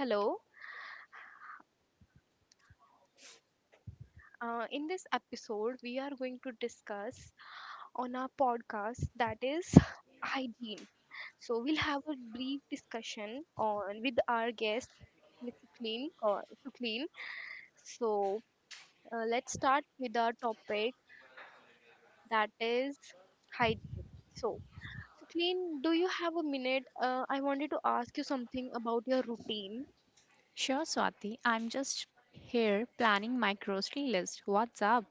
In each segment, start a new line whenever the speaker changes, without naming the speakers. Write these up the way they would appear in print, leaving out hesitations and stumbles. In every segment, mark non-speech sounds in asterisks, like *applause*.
Hello. In this episode, we are going to discuss on our podcast that is *laughs* hygiene. So we'll have a brief discussion on with our guest, Ms. Suklin. So let's start with our topic that is hygiene. So Suklin, do you have a minute? I wanted to ask you something about your routine.
Sure, Swati. I'm just here planning my grocery list. What's up?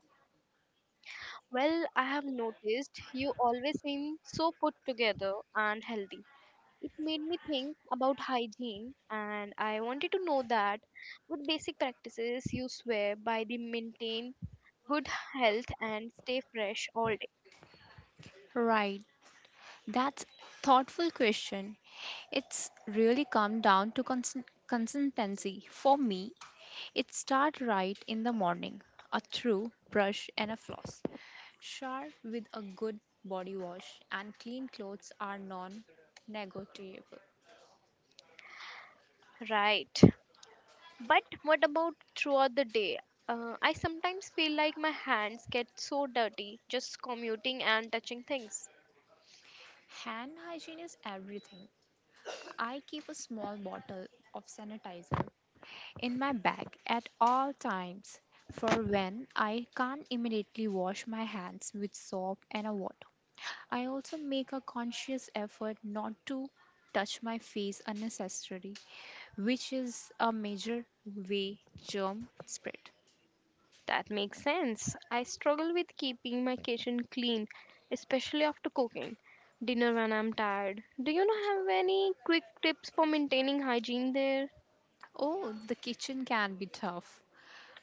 Well, I have noticed you always seem so put together and healthy. It made me think about hygiene, and I wanted to know that what basic practices you swear by to maintain good health and stay fresh all day.
Right. That's thoughtful question. It's really come down to consistency. For me, it start right in the morning. A through brush and a floss. Shower with a good body wash and clean clothes are non-negotiable.
Right, but what about throughout the day? I sometimes feel like my hands get so dirty just commuting and touching things.
Hand hygiene is everything. I keep a small bottle of sanitizer in my bag at all times for when I can't immediately wash my hands with soap and a water. I also make a conscious effort not to touch my face unnecessarily, which is a major way germ spread.
That makes sense. I struggle with keeping my kitchen clean, especially after cooking dinner when I'm tired. Do you know have any quick tips for maintaining hygiene there?
Oh, the kitchen can be tough.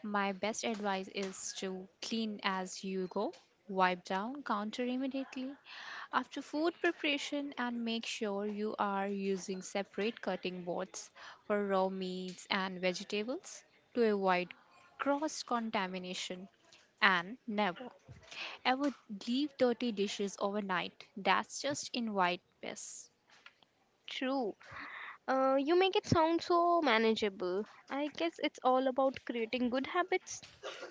My best advice is to clean as you go. Wipe down counter immediately after food preparation and make sure you are using separate cutting boards for raw meats and vegetables to avoid cross contamination, and never ever leave dirty dishes overnight. That's just invite pests.
True. You make it sound so manageable. I guess it's all about creating good habits.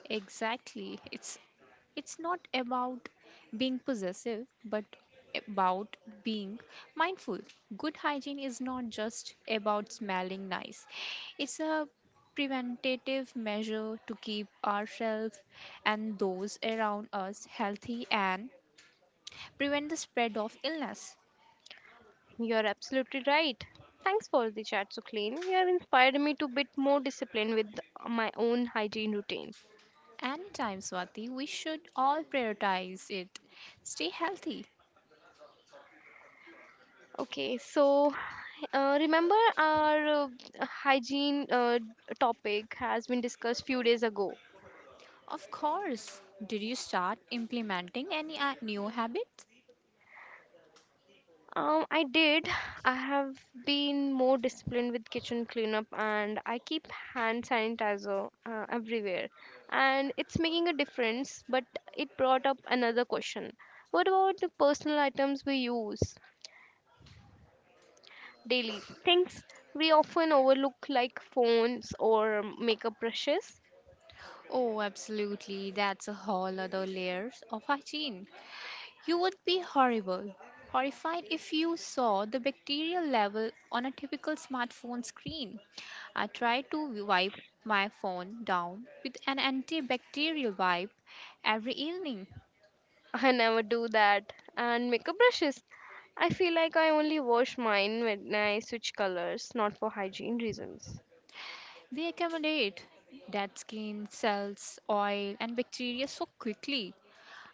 Exactly. It's not about being possessive, but about being mindful. Good hygiene is not just about smelling nice. It's a preventative measure to keep ourselves and those around us healthy and prevent the spread of illness.
You're absolutely right. Thanks for the chat, Suklin. You have inspired me to bit more discipline with my own hygiene routine.
Anytime, Swati, we should all prioritize it. Stay healthy.
Okay, so remember our hygiene topic has been discussed few days ago.
Of course. Did you start implementing any new habits?
I did. I have been more disciplined with kitchen cleanup, and I keep hand sanitizer everywhere, and it's making a difference. But it brought up another question: what about the personal items we use daily? Things we often overlook, like phones or makeup brushes.
Oh, absolutely. That's a whole other layers of hygiene. You would be horrified if you saw the bacterial level on a typical smartphone screen. I tried to wipe my phone down with an antibacterial wipe every evening.
*laughs* I never do that. And makeup brushes. I feel like I only wash mine when I switch colors, not for hygiene reasons.
They accommodate dead skin, cells, oil, and bacteria so quickly.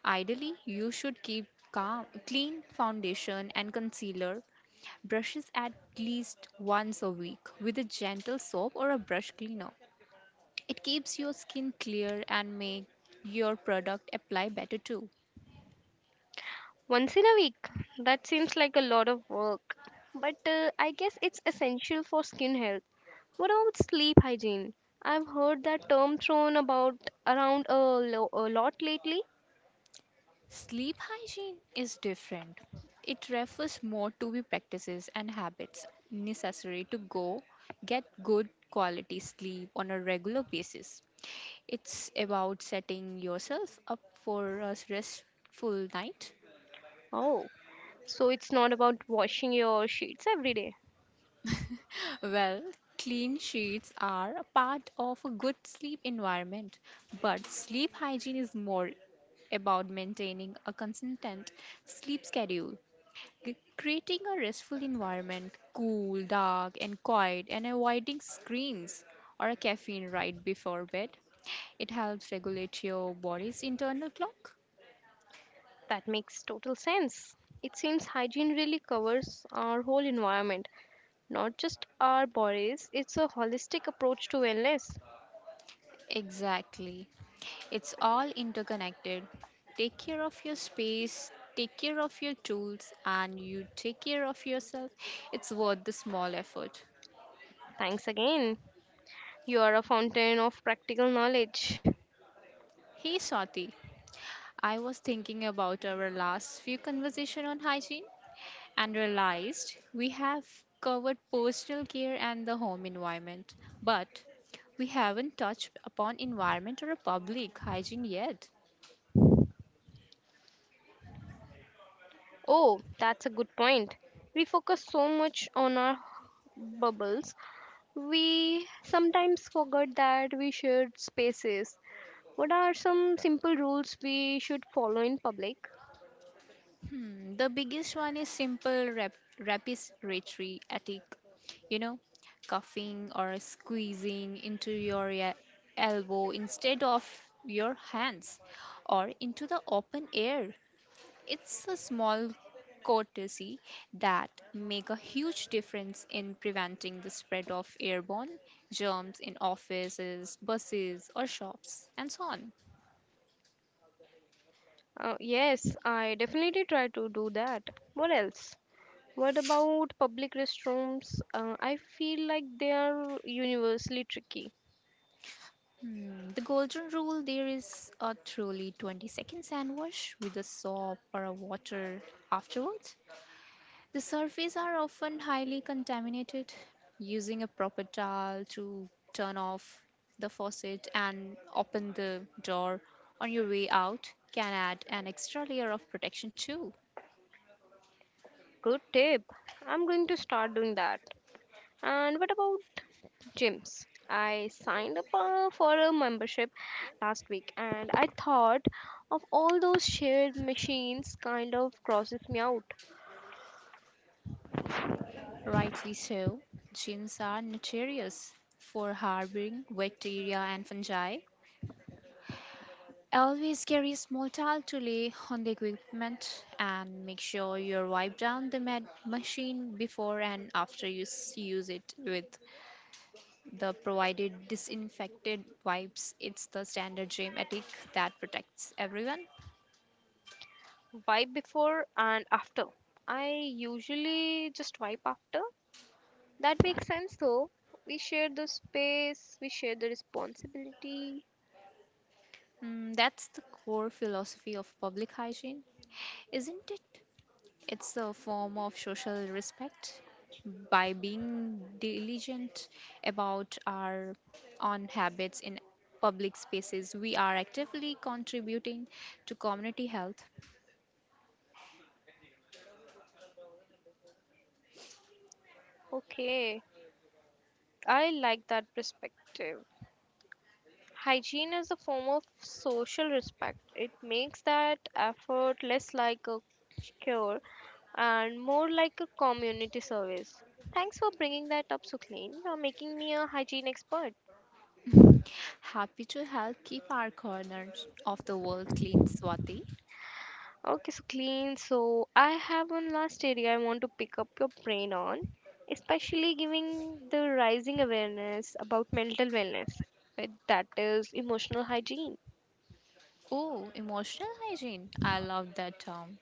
Ideally, you should keep calm, clean foundation and concealer brushes at least once a week with a gentle soap or a brush cleaner. It keeps your skin clear and make your product apply better too.
Once in a week. That seems like a lot of work. But I guess it's essential for skin health. What about sleep hygiene? I've heard that term thrown about around a lot lately.
Sleep hygiene is different. It refers more to the practices and habits necessary to go get good quality sleep on a regular basis. It's about setting yourself up for a restful night.
Oh, so it's not about washing your sheets every day.
Well, clean sheets are a part of a good sleep environment, but sleep hygiene is more about maintaining a consistent sleep schedule, creating a restful environment, cool, dark, and quiet, and avoiding screens or a caffeine right before bed. It helps regulate your body's internal clock.
That makes total sense. It seems hygiene really covers our whole environment. Not just our bodies, it's a holistic approach to wellness.
Exactly. It's all interconnected. Take care of your space, take care of your tools, and you take care of yourself. It's worth the small effort.
Thanks again. You are a fountain of practical knowledge.
Hey Swati, I was thinking about our last few conversation on hygiene and realized we have covered personal care and the home environment, but we haven't touched upon environment or public hygiene yet.
Oh, that's a good point. We focus so much on our bubbles, we sometimes forget that we share spaces. What are some simple rules we should follow in public?
Hmm, the biggest one is simple respiratory attack, you know, coughing or squeezing into your elbow instead of your hands or into the open air. It's a small courtesy that make a huge difference in preventing the spread of airborne germs in offices, buses or shops and so on.
Yes, I definitely try to do that. What else? What about public restrooms? I feel like they are universally tricky.
The golden rule there is a truly 20-second sand wash with a soap or a water afterwards. The surfaces are often highly contaminated. Using a proper towel to turn off the faucet and open the door on your way out can add an extra layer of protection too.
Good tip. I'm going to start doing that. And what about gyms? I signed up for a membership last week, and I thought of all those shared machines kind of crosses me out.
Rightly so, gins are notorious for harboring bacteria and fungi. Always carry a small towel to lay on the equipment and make sure you wipe down the machine before and after you use it with the provided disinfected wipes. It's the standard gym ethic that protects everyone.
Wipe before and after. I usually just wipe after. That makes sense though. We share the space, we share the responsibility.
Mm, that's the core philosophy of public hygiene, isn't it? It's a form of social respect. By being diligent about our own habits in public spaces, we are actively contributing to community health.
Okay, I like that perspective. Hygiene is a form of social respect. It makes that effort less like a cure and more like a community service. Thanks for bringing that up, Sukleen. You're making me a hygiene expert.
Happy to help keep our corners of the world clean, Swati.
Okay, Sukleen. So I have one last area I want to pick up your brain on, especially giving the rising awareness about mental wellness, that is emotional hygiene.
Oh, emotional hygiene. I love that term.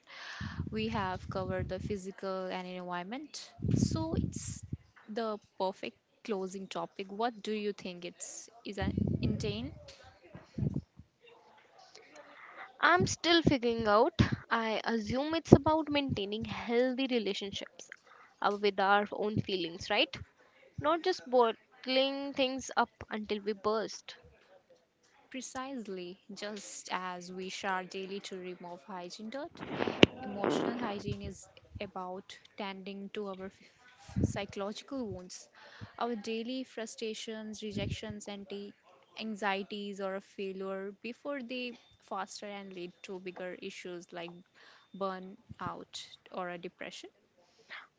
We have covered the physical and environment. So it's the perfect closing topic. What do you think it's is an intent?
I'm still figuring out. I assume it's about maintaining healthy relationships with our own feelings, right? Not just bottling things up until we burst.
Precisely, just as we shower daily to remove hygiene dirt, emotional hygiene is about tending to our psychological wounds, our daily frustrations, rejections, and the anxieties or a failure before they foster and lead to bigger issues like burnout or a depression.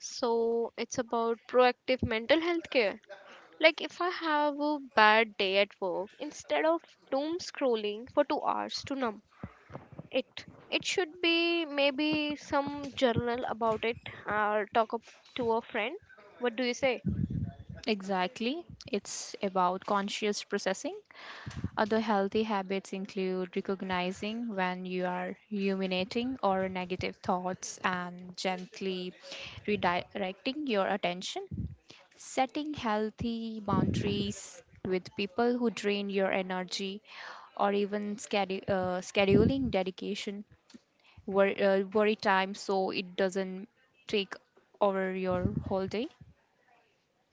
So it's about proactive mental health care. Like if I have a bad day at work, instead of doom scrolling for 2 hours to numb it, it should be maybe some journal about it or talk up to a friend. What do you say?
Exactly, it's about conscious processing. Other healthy habits include recognizing when you are ruminating or negative thoughts and gently redirecting your attention. Setting healthy boundaries with people who drain your energy or even scheduling dedication, worry time so it doesn't take over your whole day.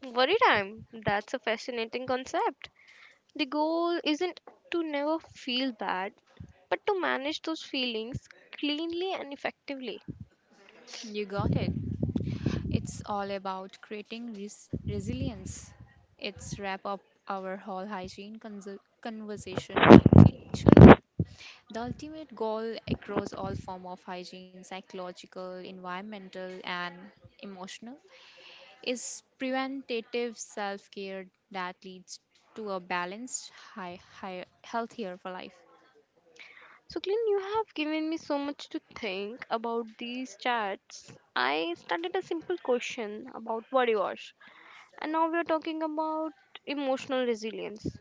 Worry time. That's a fascinating concept. The goal isn't to never feel bad, but to manage those feelings cleanly and effectively.
You got it. It's all about creating resilience. It's wrap up our whole hygiene conversation nicely actually. The ultimate goal across all form of hygiene, psychological, environmental and emotional, is preventative self-care that leads to a balanced high healthier for life.
So, Clean, you have given me so much to think about these chats. I started a simple question about body wash, and now we're talking about emotional resilience.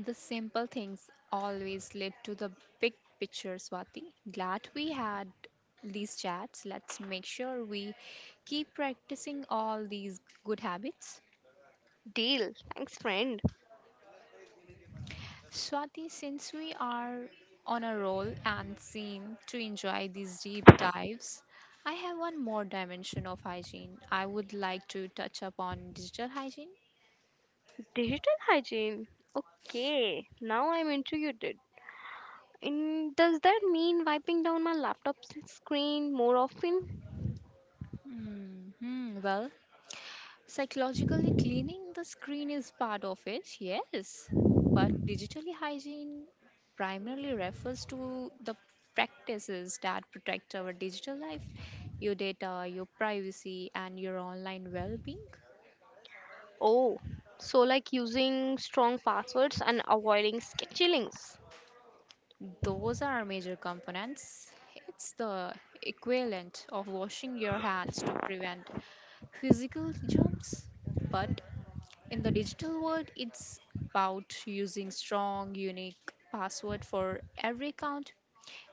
The simple things always lead to the big picture, Swati. Glad we had these chats. Let's make sure we keep practicing all these good habits.
Deal. Thanks, friend.
Swati, since we are on a roll and seem to enjoy these deep dives, I have one more dimension of hygiene. I would like to touch upon digital hygiene.
Digital hygiene. Okay, now I'm intrigued. And does that mean wiping down my laptop screen more often?
Hmm, well, psychologically cleaning the screen is part of it, yes. But digitally hygiene primarily refers to the practices that protect our digital life, your data, your privacy, and your online well being.
Oh, so like using strong passwords and avoiding sketchy links.
Those are major components. It's the equivalent of washing your hands to prevent physical germs, but in the digital world, it's about using strong, unique password for every account,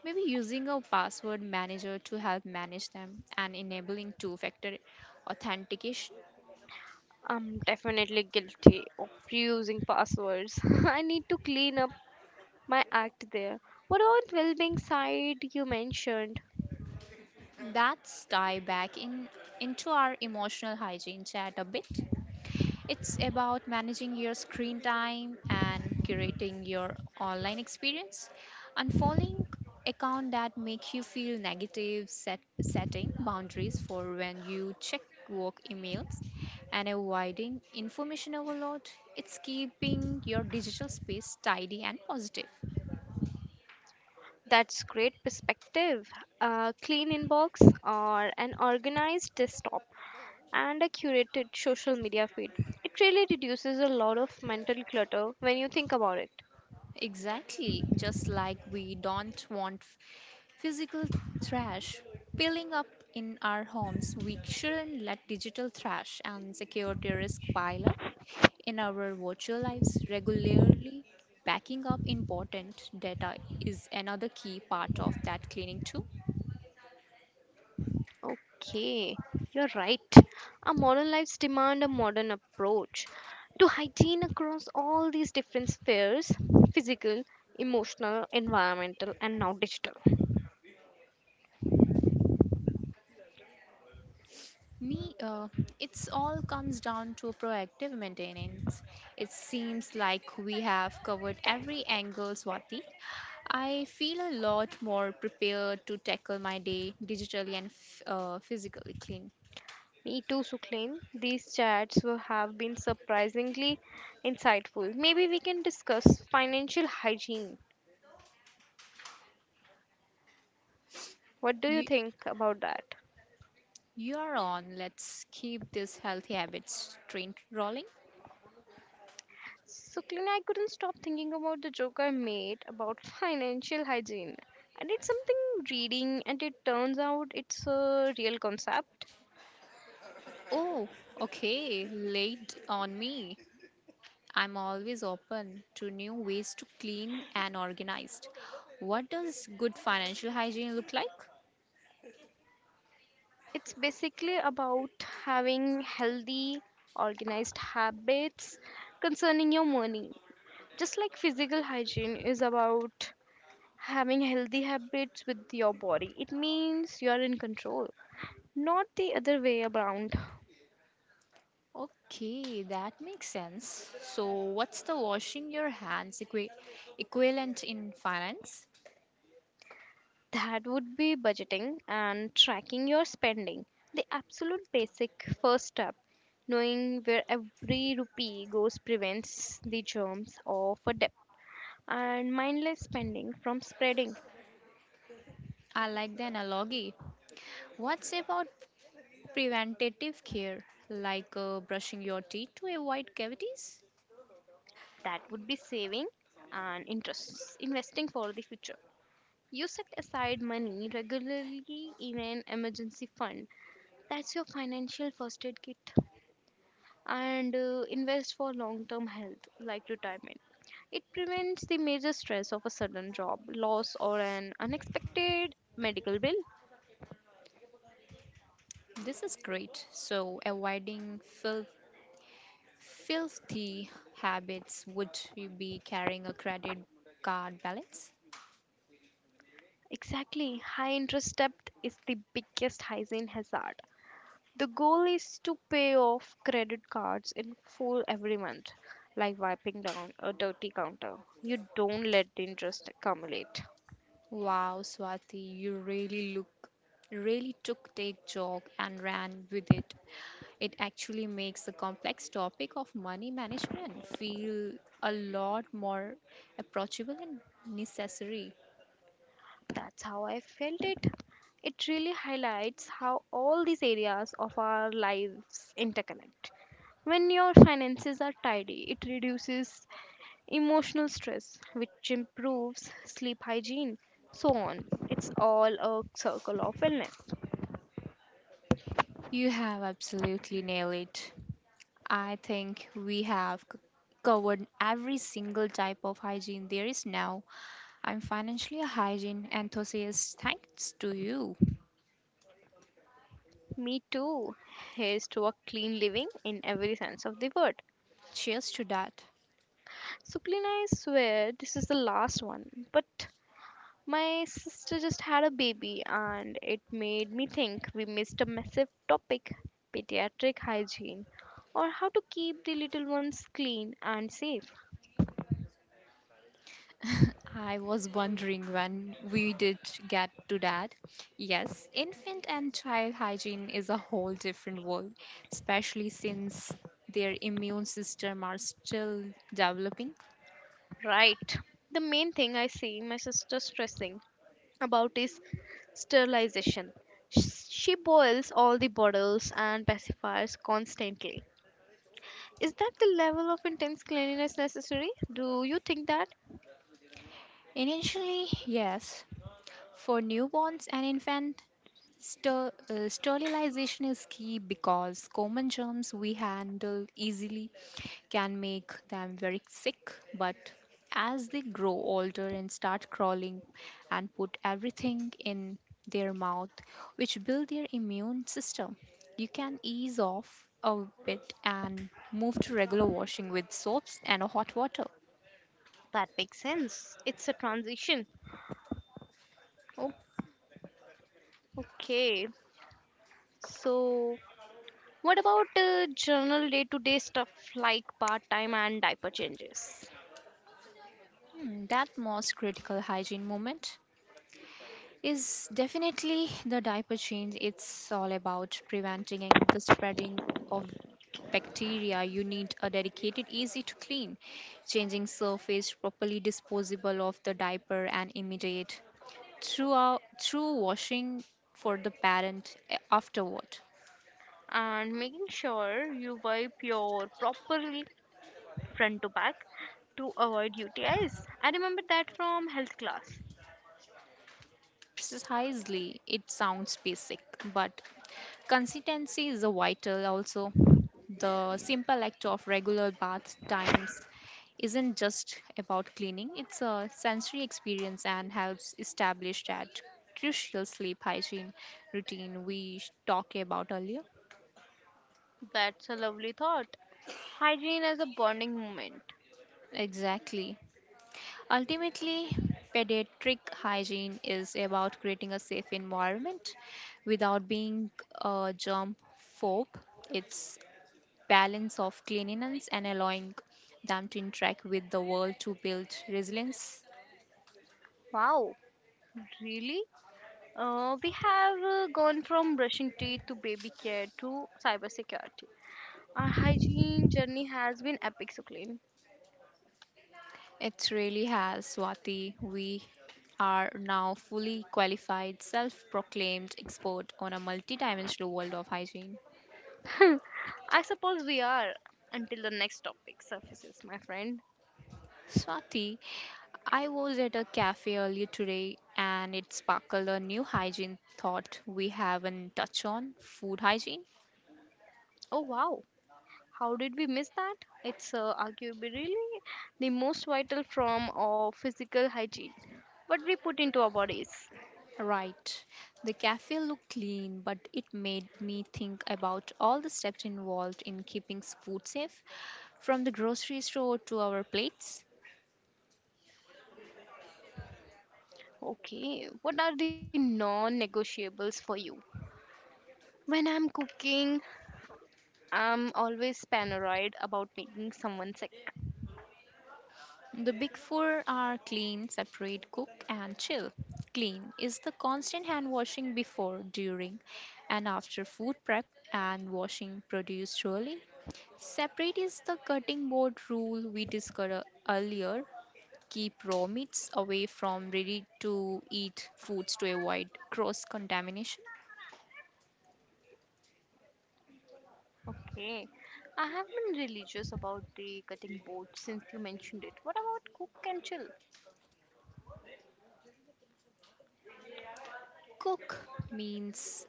maybe using a password manager to help manage them and enabling two-factor authentication.
I'm definitely guilty of reusing passwords. *laughs* I need to clean up my act there. What about well-being side you mentioned?
That's tie back in into our emotional hygiene chat a bit. It's about managing your screen time and curating your online experience. Unfollowing account that make you feel negative, setting boundaries for when you check work emails and avoiding information overload. It's keeping your digital space tidy and positive.
That's great perspective. A clean inbox or an organized desktop and a curated social media feed. It really reduces a lot of mental clutter when you think about it.
Exactly, just like we don't want physical trash piling up in our homes, we shouldn't let digital trash and security risk pile up in our virtual lives regularly. Backing up important data is another key part of that cleaning too.
Okay, you're right. Our modern lives demand a modern approach to hygiene across all these different spheres: physical, emotional, environmental, and now digital.
Me, uh, it's all comes down to proactive maintenance. It seems like we have covered every angle, Swati. I feel a lot more prepared to tackle my day digitally and physically clean.
Me too, Suklain. These chats have been surprisingly insightful. Maybe we can discuss financial hygiene. What do you
You,
think about that?
you are on. Let's keep this healthy habits train rolling.
Suklain, I couldn't stop thinking about the joke I made about *laughs* financial hygiene. I did something reading, and it turns out it's a real concept.
Oh, okay. Late on me. I'm always open to new ways to clean and organized. What does good financial hygiene look like?
It's basically about having healthy, organized habits concerning your money. Just like physical hygiene is about having healthy habits with your body. It means you're in control, not the other way around.
Okay, that makes sense. So, what's the washing your hands equivalent in finance?
That would be budgeting and tracking your spending. The absolute basic first step, knowing where every rupee goes, prevents the germs of a debt and mindless spending from spreading.
I like the analogy. What's about preventative care, like brushing your teeth to avoid cavities?
That would be saving and interest investing for the future. You set aside money regularly in an emergency fund. That's your financial first aid kit, and invest for long term health like retirement. It prevents the major stress of a sudden job loss or an unexpected medical bill.
This is great. So, avoiding filthy habits would you be carrying a credit card balance?
Exactly, high interest debt is the biggest hygiene hazard. The goal is to pay off credit cards in full every month, like wiping down a dirty counter. You don't let the interest accumulate.
Wow, Swati, you really look really took take joke and ran with it. It actually makes the complex topic of money management feel a lot more approachable and necessary.
That's how I felt it. It really highlights how all these areas of our lives interconnect. When your finances are tidy, it reduces emotional stress, which improves sleep hygiene, so on. It's all a circle of wellness.
You have absolutely nailed it. I think we have covered every single type of hygiene there is now. I'm financially a hygiene enthusiast thanks to you.
Me too. Here's to a clean living in every sense of the word.
Cheers to that.
Suklina, I swear this is the last one, but my sister just had a baby, and it made me think we missed a massive topic: pediatric hygiene, or how to keep the little ones clean and safe.
I was wondering when we did get to that. Yes, infant and child hygiene is a whole different world, especially since their immune system are still developing.
Right. The main thing I see my sister stressing about is sterilization. She boils all the bottles and pacifiers constantly. Is that the level of intense cleanliness necessary? Do you think that?
Initially, yes, for newborns and infant, sterilization is key because common germs we handle easily can make them very sick, but as they grow older and start crawling and put everything in their mouth, which build their immune system, you can ease off a bit and move to regular washing with soaps and hot water.
That makes sense. It's a transition. Oh, okay. So, what about general day to day stuff like part time and diaper changes?
Hmm, that most critical hygiene moment is definitely the diaper change. It's all about preventing and the spreading of bacteria. You need a dedicated, easy to clean, changing surface, properly disposable of the diaper, and immediate throughout through washing for the parent afterward.
And making sure you wipe your properly front to back to avoid UTIs. I remember that from health class.
Precisely, it sounds basic, but consistency is a vital also. The simple act of regular bath times isn't just about cleaning, it's a sensory experience and helps establish that crucial sleep hygiene routine we talked about earlier.
That's a lovely thought. Hygiene as a bonding moment.
Exactly. Ultimately, pediatric hygiene is about creating a safe environment without being a germ phobe. It's balance of cleanliness and allowing them to interact with the world to build resilience.
Wow, really? We have gone from brushing teeth to baby care to cybersecurity. Our hygiene journey has been epic, Suklin.
It really has, Swati. We are now fully qualified, self proclaimed expert on a multi-dimensional world of hygiene.
*laughs* I suppose we are until the next topic surfaces, my friend.
Swati, I was at a cafe earlier today and it sparkled a new hygiene thought. We haven't touched on food hygiene.
Oh wow, how did we miss that? It's arguably really the most vital form of physical hygiene. What we put into our bodies.
Right. The cafe looked clean, but it made me think about all the steps involved in keeping food safe, from the grocery store to our plates.
Okay, what are the non negotiables for you? When I'm cooking, I'm always paranoid about making someone sick.
The big four are clean, separate, cook, and chill. Clean is the constant hand washing before, during, and after food prep and washing produce surely. Separate is the cutting board rule we discussed earlier. Keep raw meats away from ready to eat foods to avoid cross contamination.
Okay, I have been religious about the cutting board since you mentioned it. What about cook and chill?
Cook means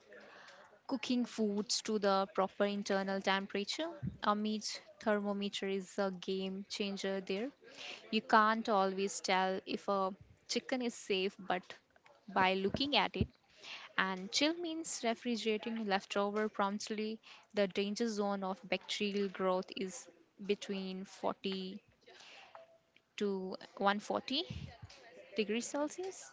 cooking foods to the proper internal temperature. A meat thermometer is a game changer there. You can't always tell if a chicken is safe but by looking at it, and chill means refrigerating leftover promptly. The danger zone of bacterial growth is between 40 to 140 degrees Celsius?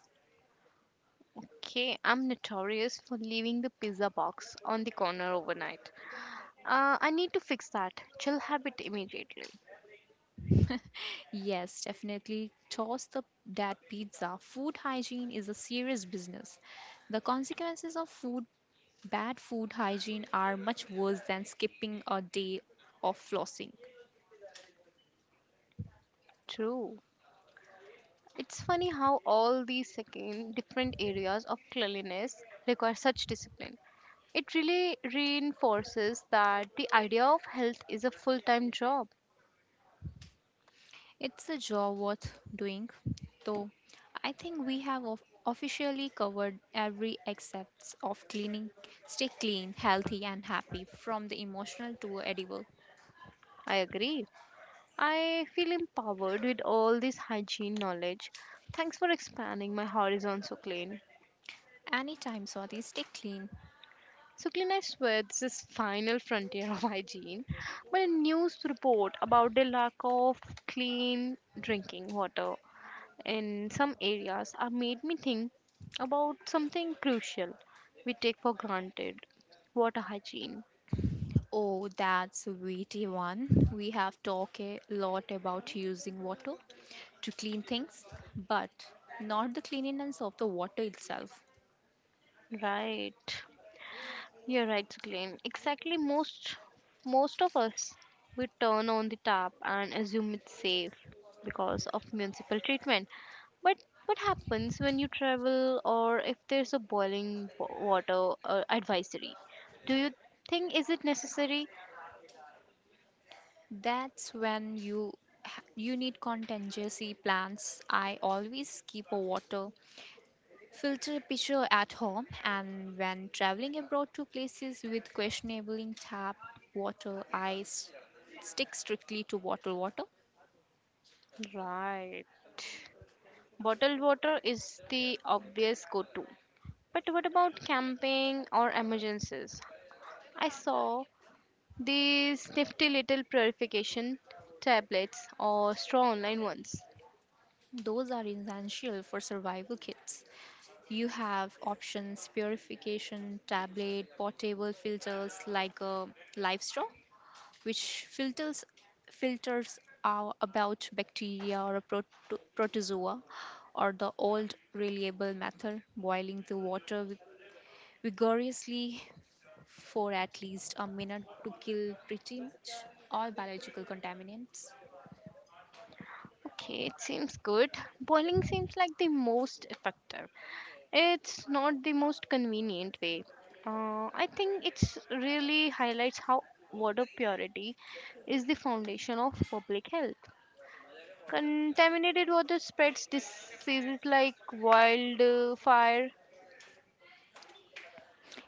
Okay, I'm notorious for leaving the pizza box on the corner overnight. I need to fix that. Chill habit immediately.
*laughs* Yes, definitely toss the that pizza. Food hygiene is a serious business. The consequences of food bad food hygiene are much worse than skipping a day of flossing.
True. It's funny how all these second different areas of cleanliness require such discipline. It really reinforces that the idea of health is a full time job.
It's a job worth doing. So, I think we have officially covered every aspect of cleaning. Stay clean, healthy, and happy from the emotional to edible.
I agree. I feel empowered with all this hygiene knowledge. Thanks for expanding my horizon so clean.
Anytime, Swati, stay clean.
Suklin, I swear, this is final frontier of *laughs* hygiene. But a news report about the lack of clean drinking water in some areas have made me think about something crucial we take for granted: water hygiene.
Oh, that's a weighty one. We have talked a lot about using water to clean things, but not the cleanliness of the water itself.
Right. You're right, Glenn. Exactly, most of us we turn on the tap and assume it's safe because of municipal treatment. But what happens when you travel or if there's a boiling water advisory? Do you think is it necessary?
That's when you you need contingency plans. I always keep a water filter pitcher at home, and when traveling abroad to places with questionable tap water, I stick strictly to bottled water.
Right. Bottled water is the obvious go-to. But what about camping or emergencies? I saw these nifty little purification tablets or straw online ones.
Those are essential for survival kits. You have options: purification, tablet, portable filters like a live straw, which filters are about bacteria or a protozoa, or the old reliable method, boiling the water vigorously for at least a minute to kill pretty much all biological contaminants.
Okay, it seems good. Boiling seems like the most effective. It's not the most convenient way. I think it's really highlights how water purity is the foundation of public health. Contaminated water spreads diseases like wildfire.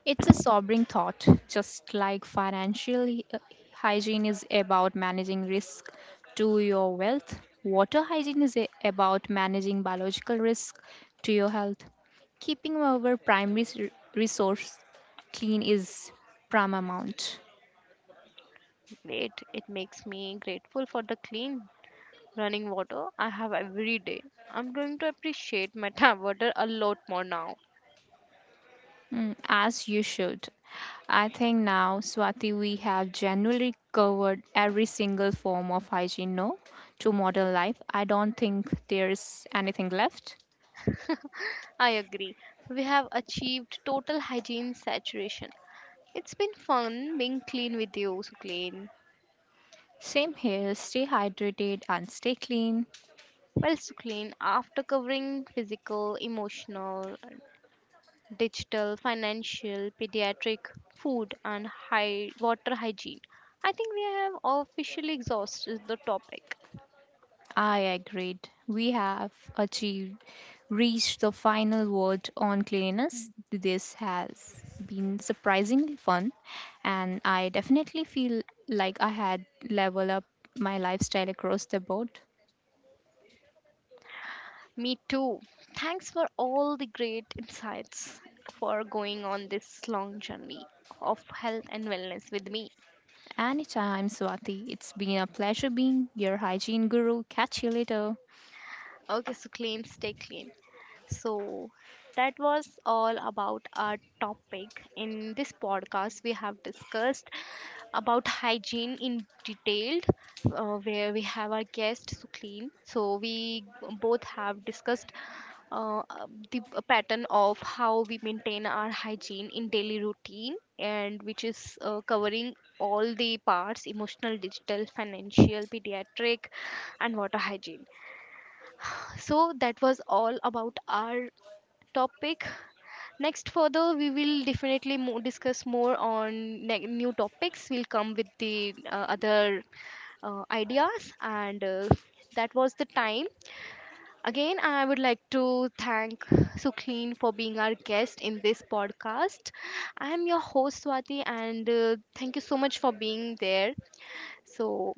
It's a sobering thought, just like financial uh, hygiene is about managing risk to your wealth. Water hygiene is about managing biological risk to your health. Keeping our primary resource clean is paramount.
Wait, it makes me grateful for the clean running water I have every day. I'm going to appreciate my tap water a lot more now.
Mm, as you should. I think now, Swati, we have generally covered every single form of hygiene no to modern life. I don't think there's anything left.
I agree. We have achieved total hygiene saturation. It's been fun being clean with you, Suclean.
Same here, stay hydrated and stay clean.
Well, Suclean, after covering physical, emotional, digital, financial, pediatric, food, and high water hygiene, I think we have officially exhausted the topic.
I agreed. Reached the final word on cleanliness. This has been surprisingly fun, and I definitely feel like I had leveled up my lifestyle across the board.
Me too. Thanks for all the great insights for going on this long journey of health and wellness with me.
Anytime, Swati, it's been a pleasure being your hygiene guru. Catch you later.
Okay, so clean, stay clean. So that was all about our topic. In this podcast, we have discussed about hygiene in detailed, where we have our guest Suclean. So we both have discussed the pattern of how we maintain our hygiene in daily routine, and which is covering all the parts: emotional, digital, financial, pediatric, and water hygiene. So that was all about our topic. Next, further, we will definitely discuss more on new topics. We'll come with the other ideas, and that was the time. Again, I would like to thank Sukleen for being our guest in this podcast. I am your host, Swati, and thank you so much for being there. So,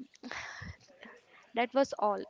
that was all.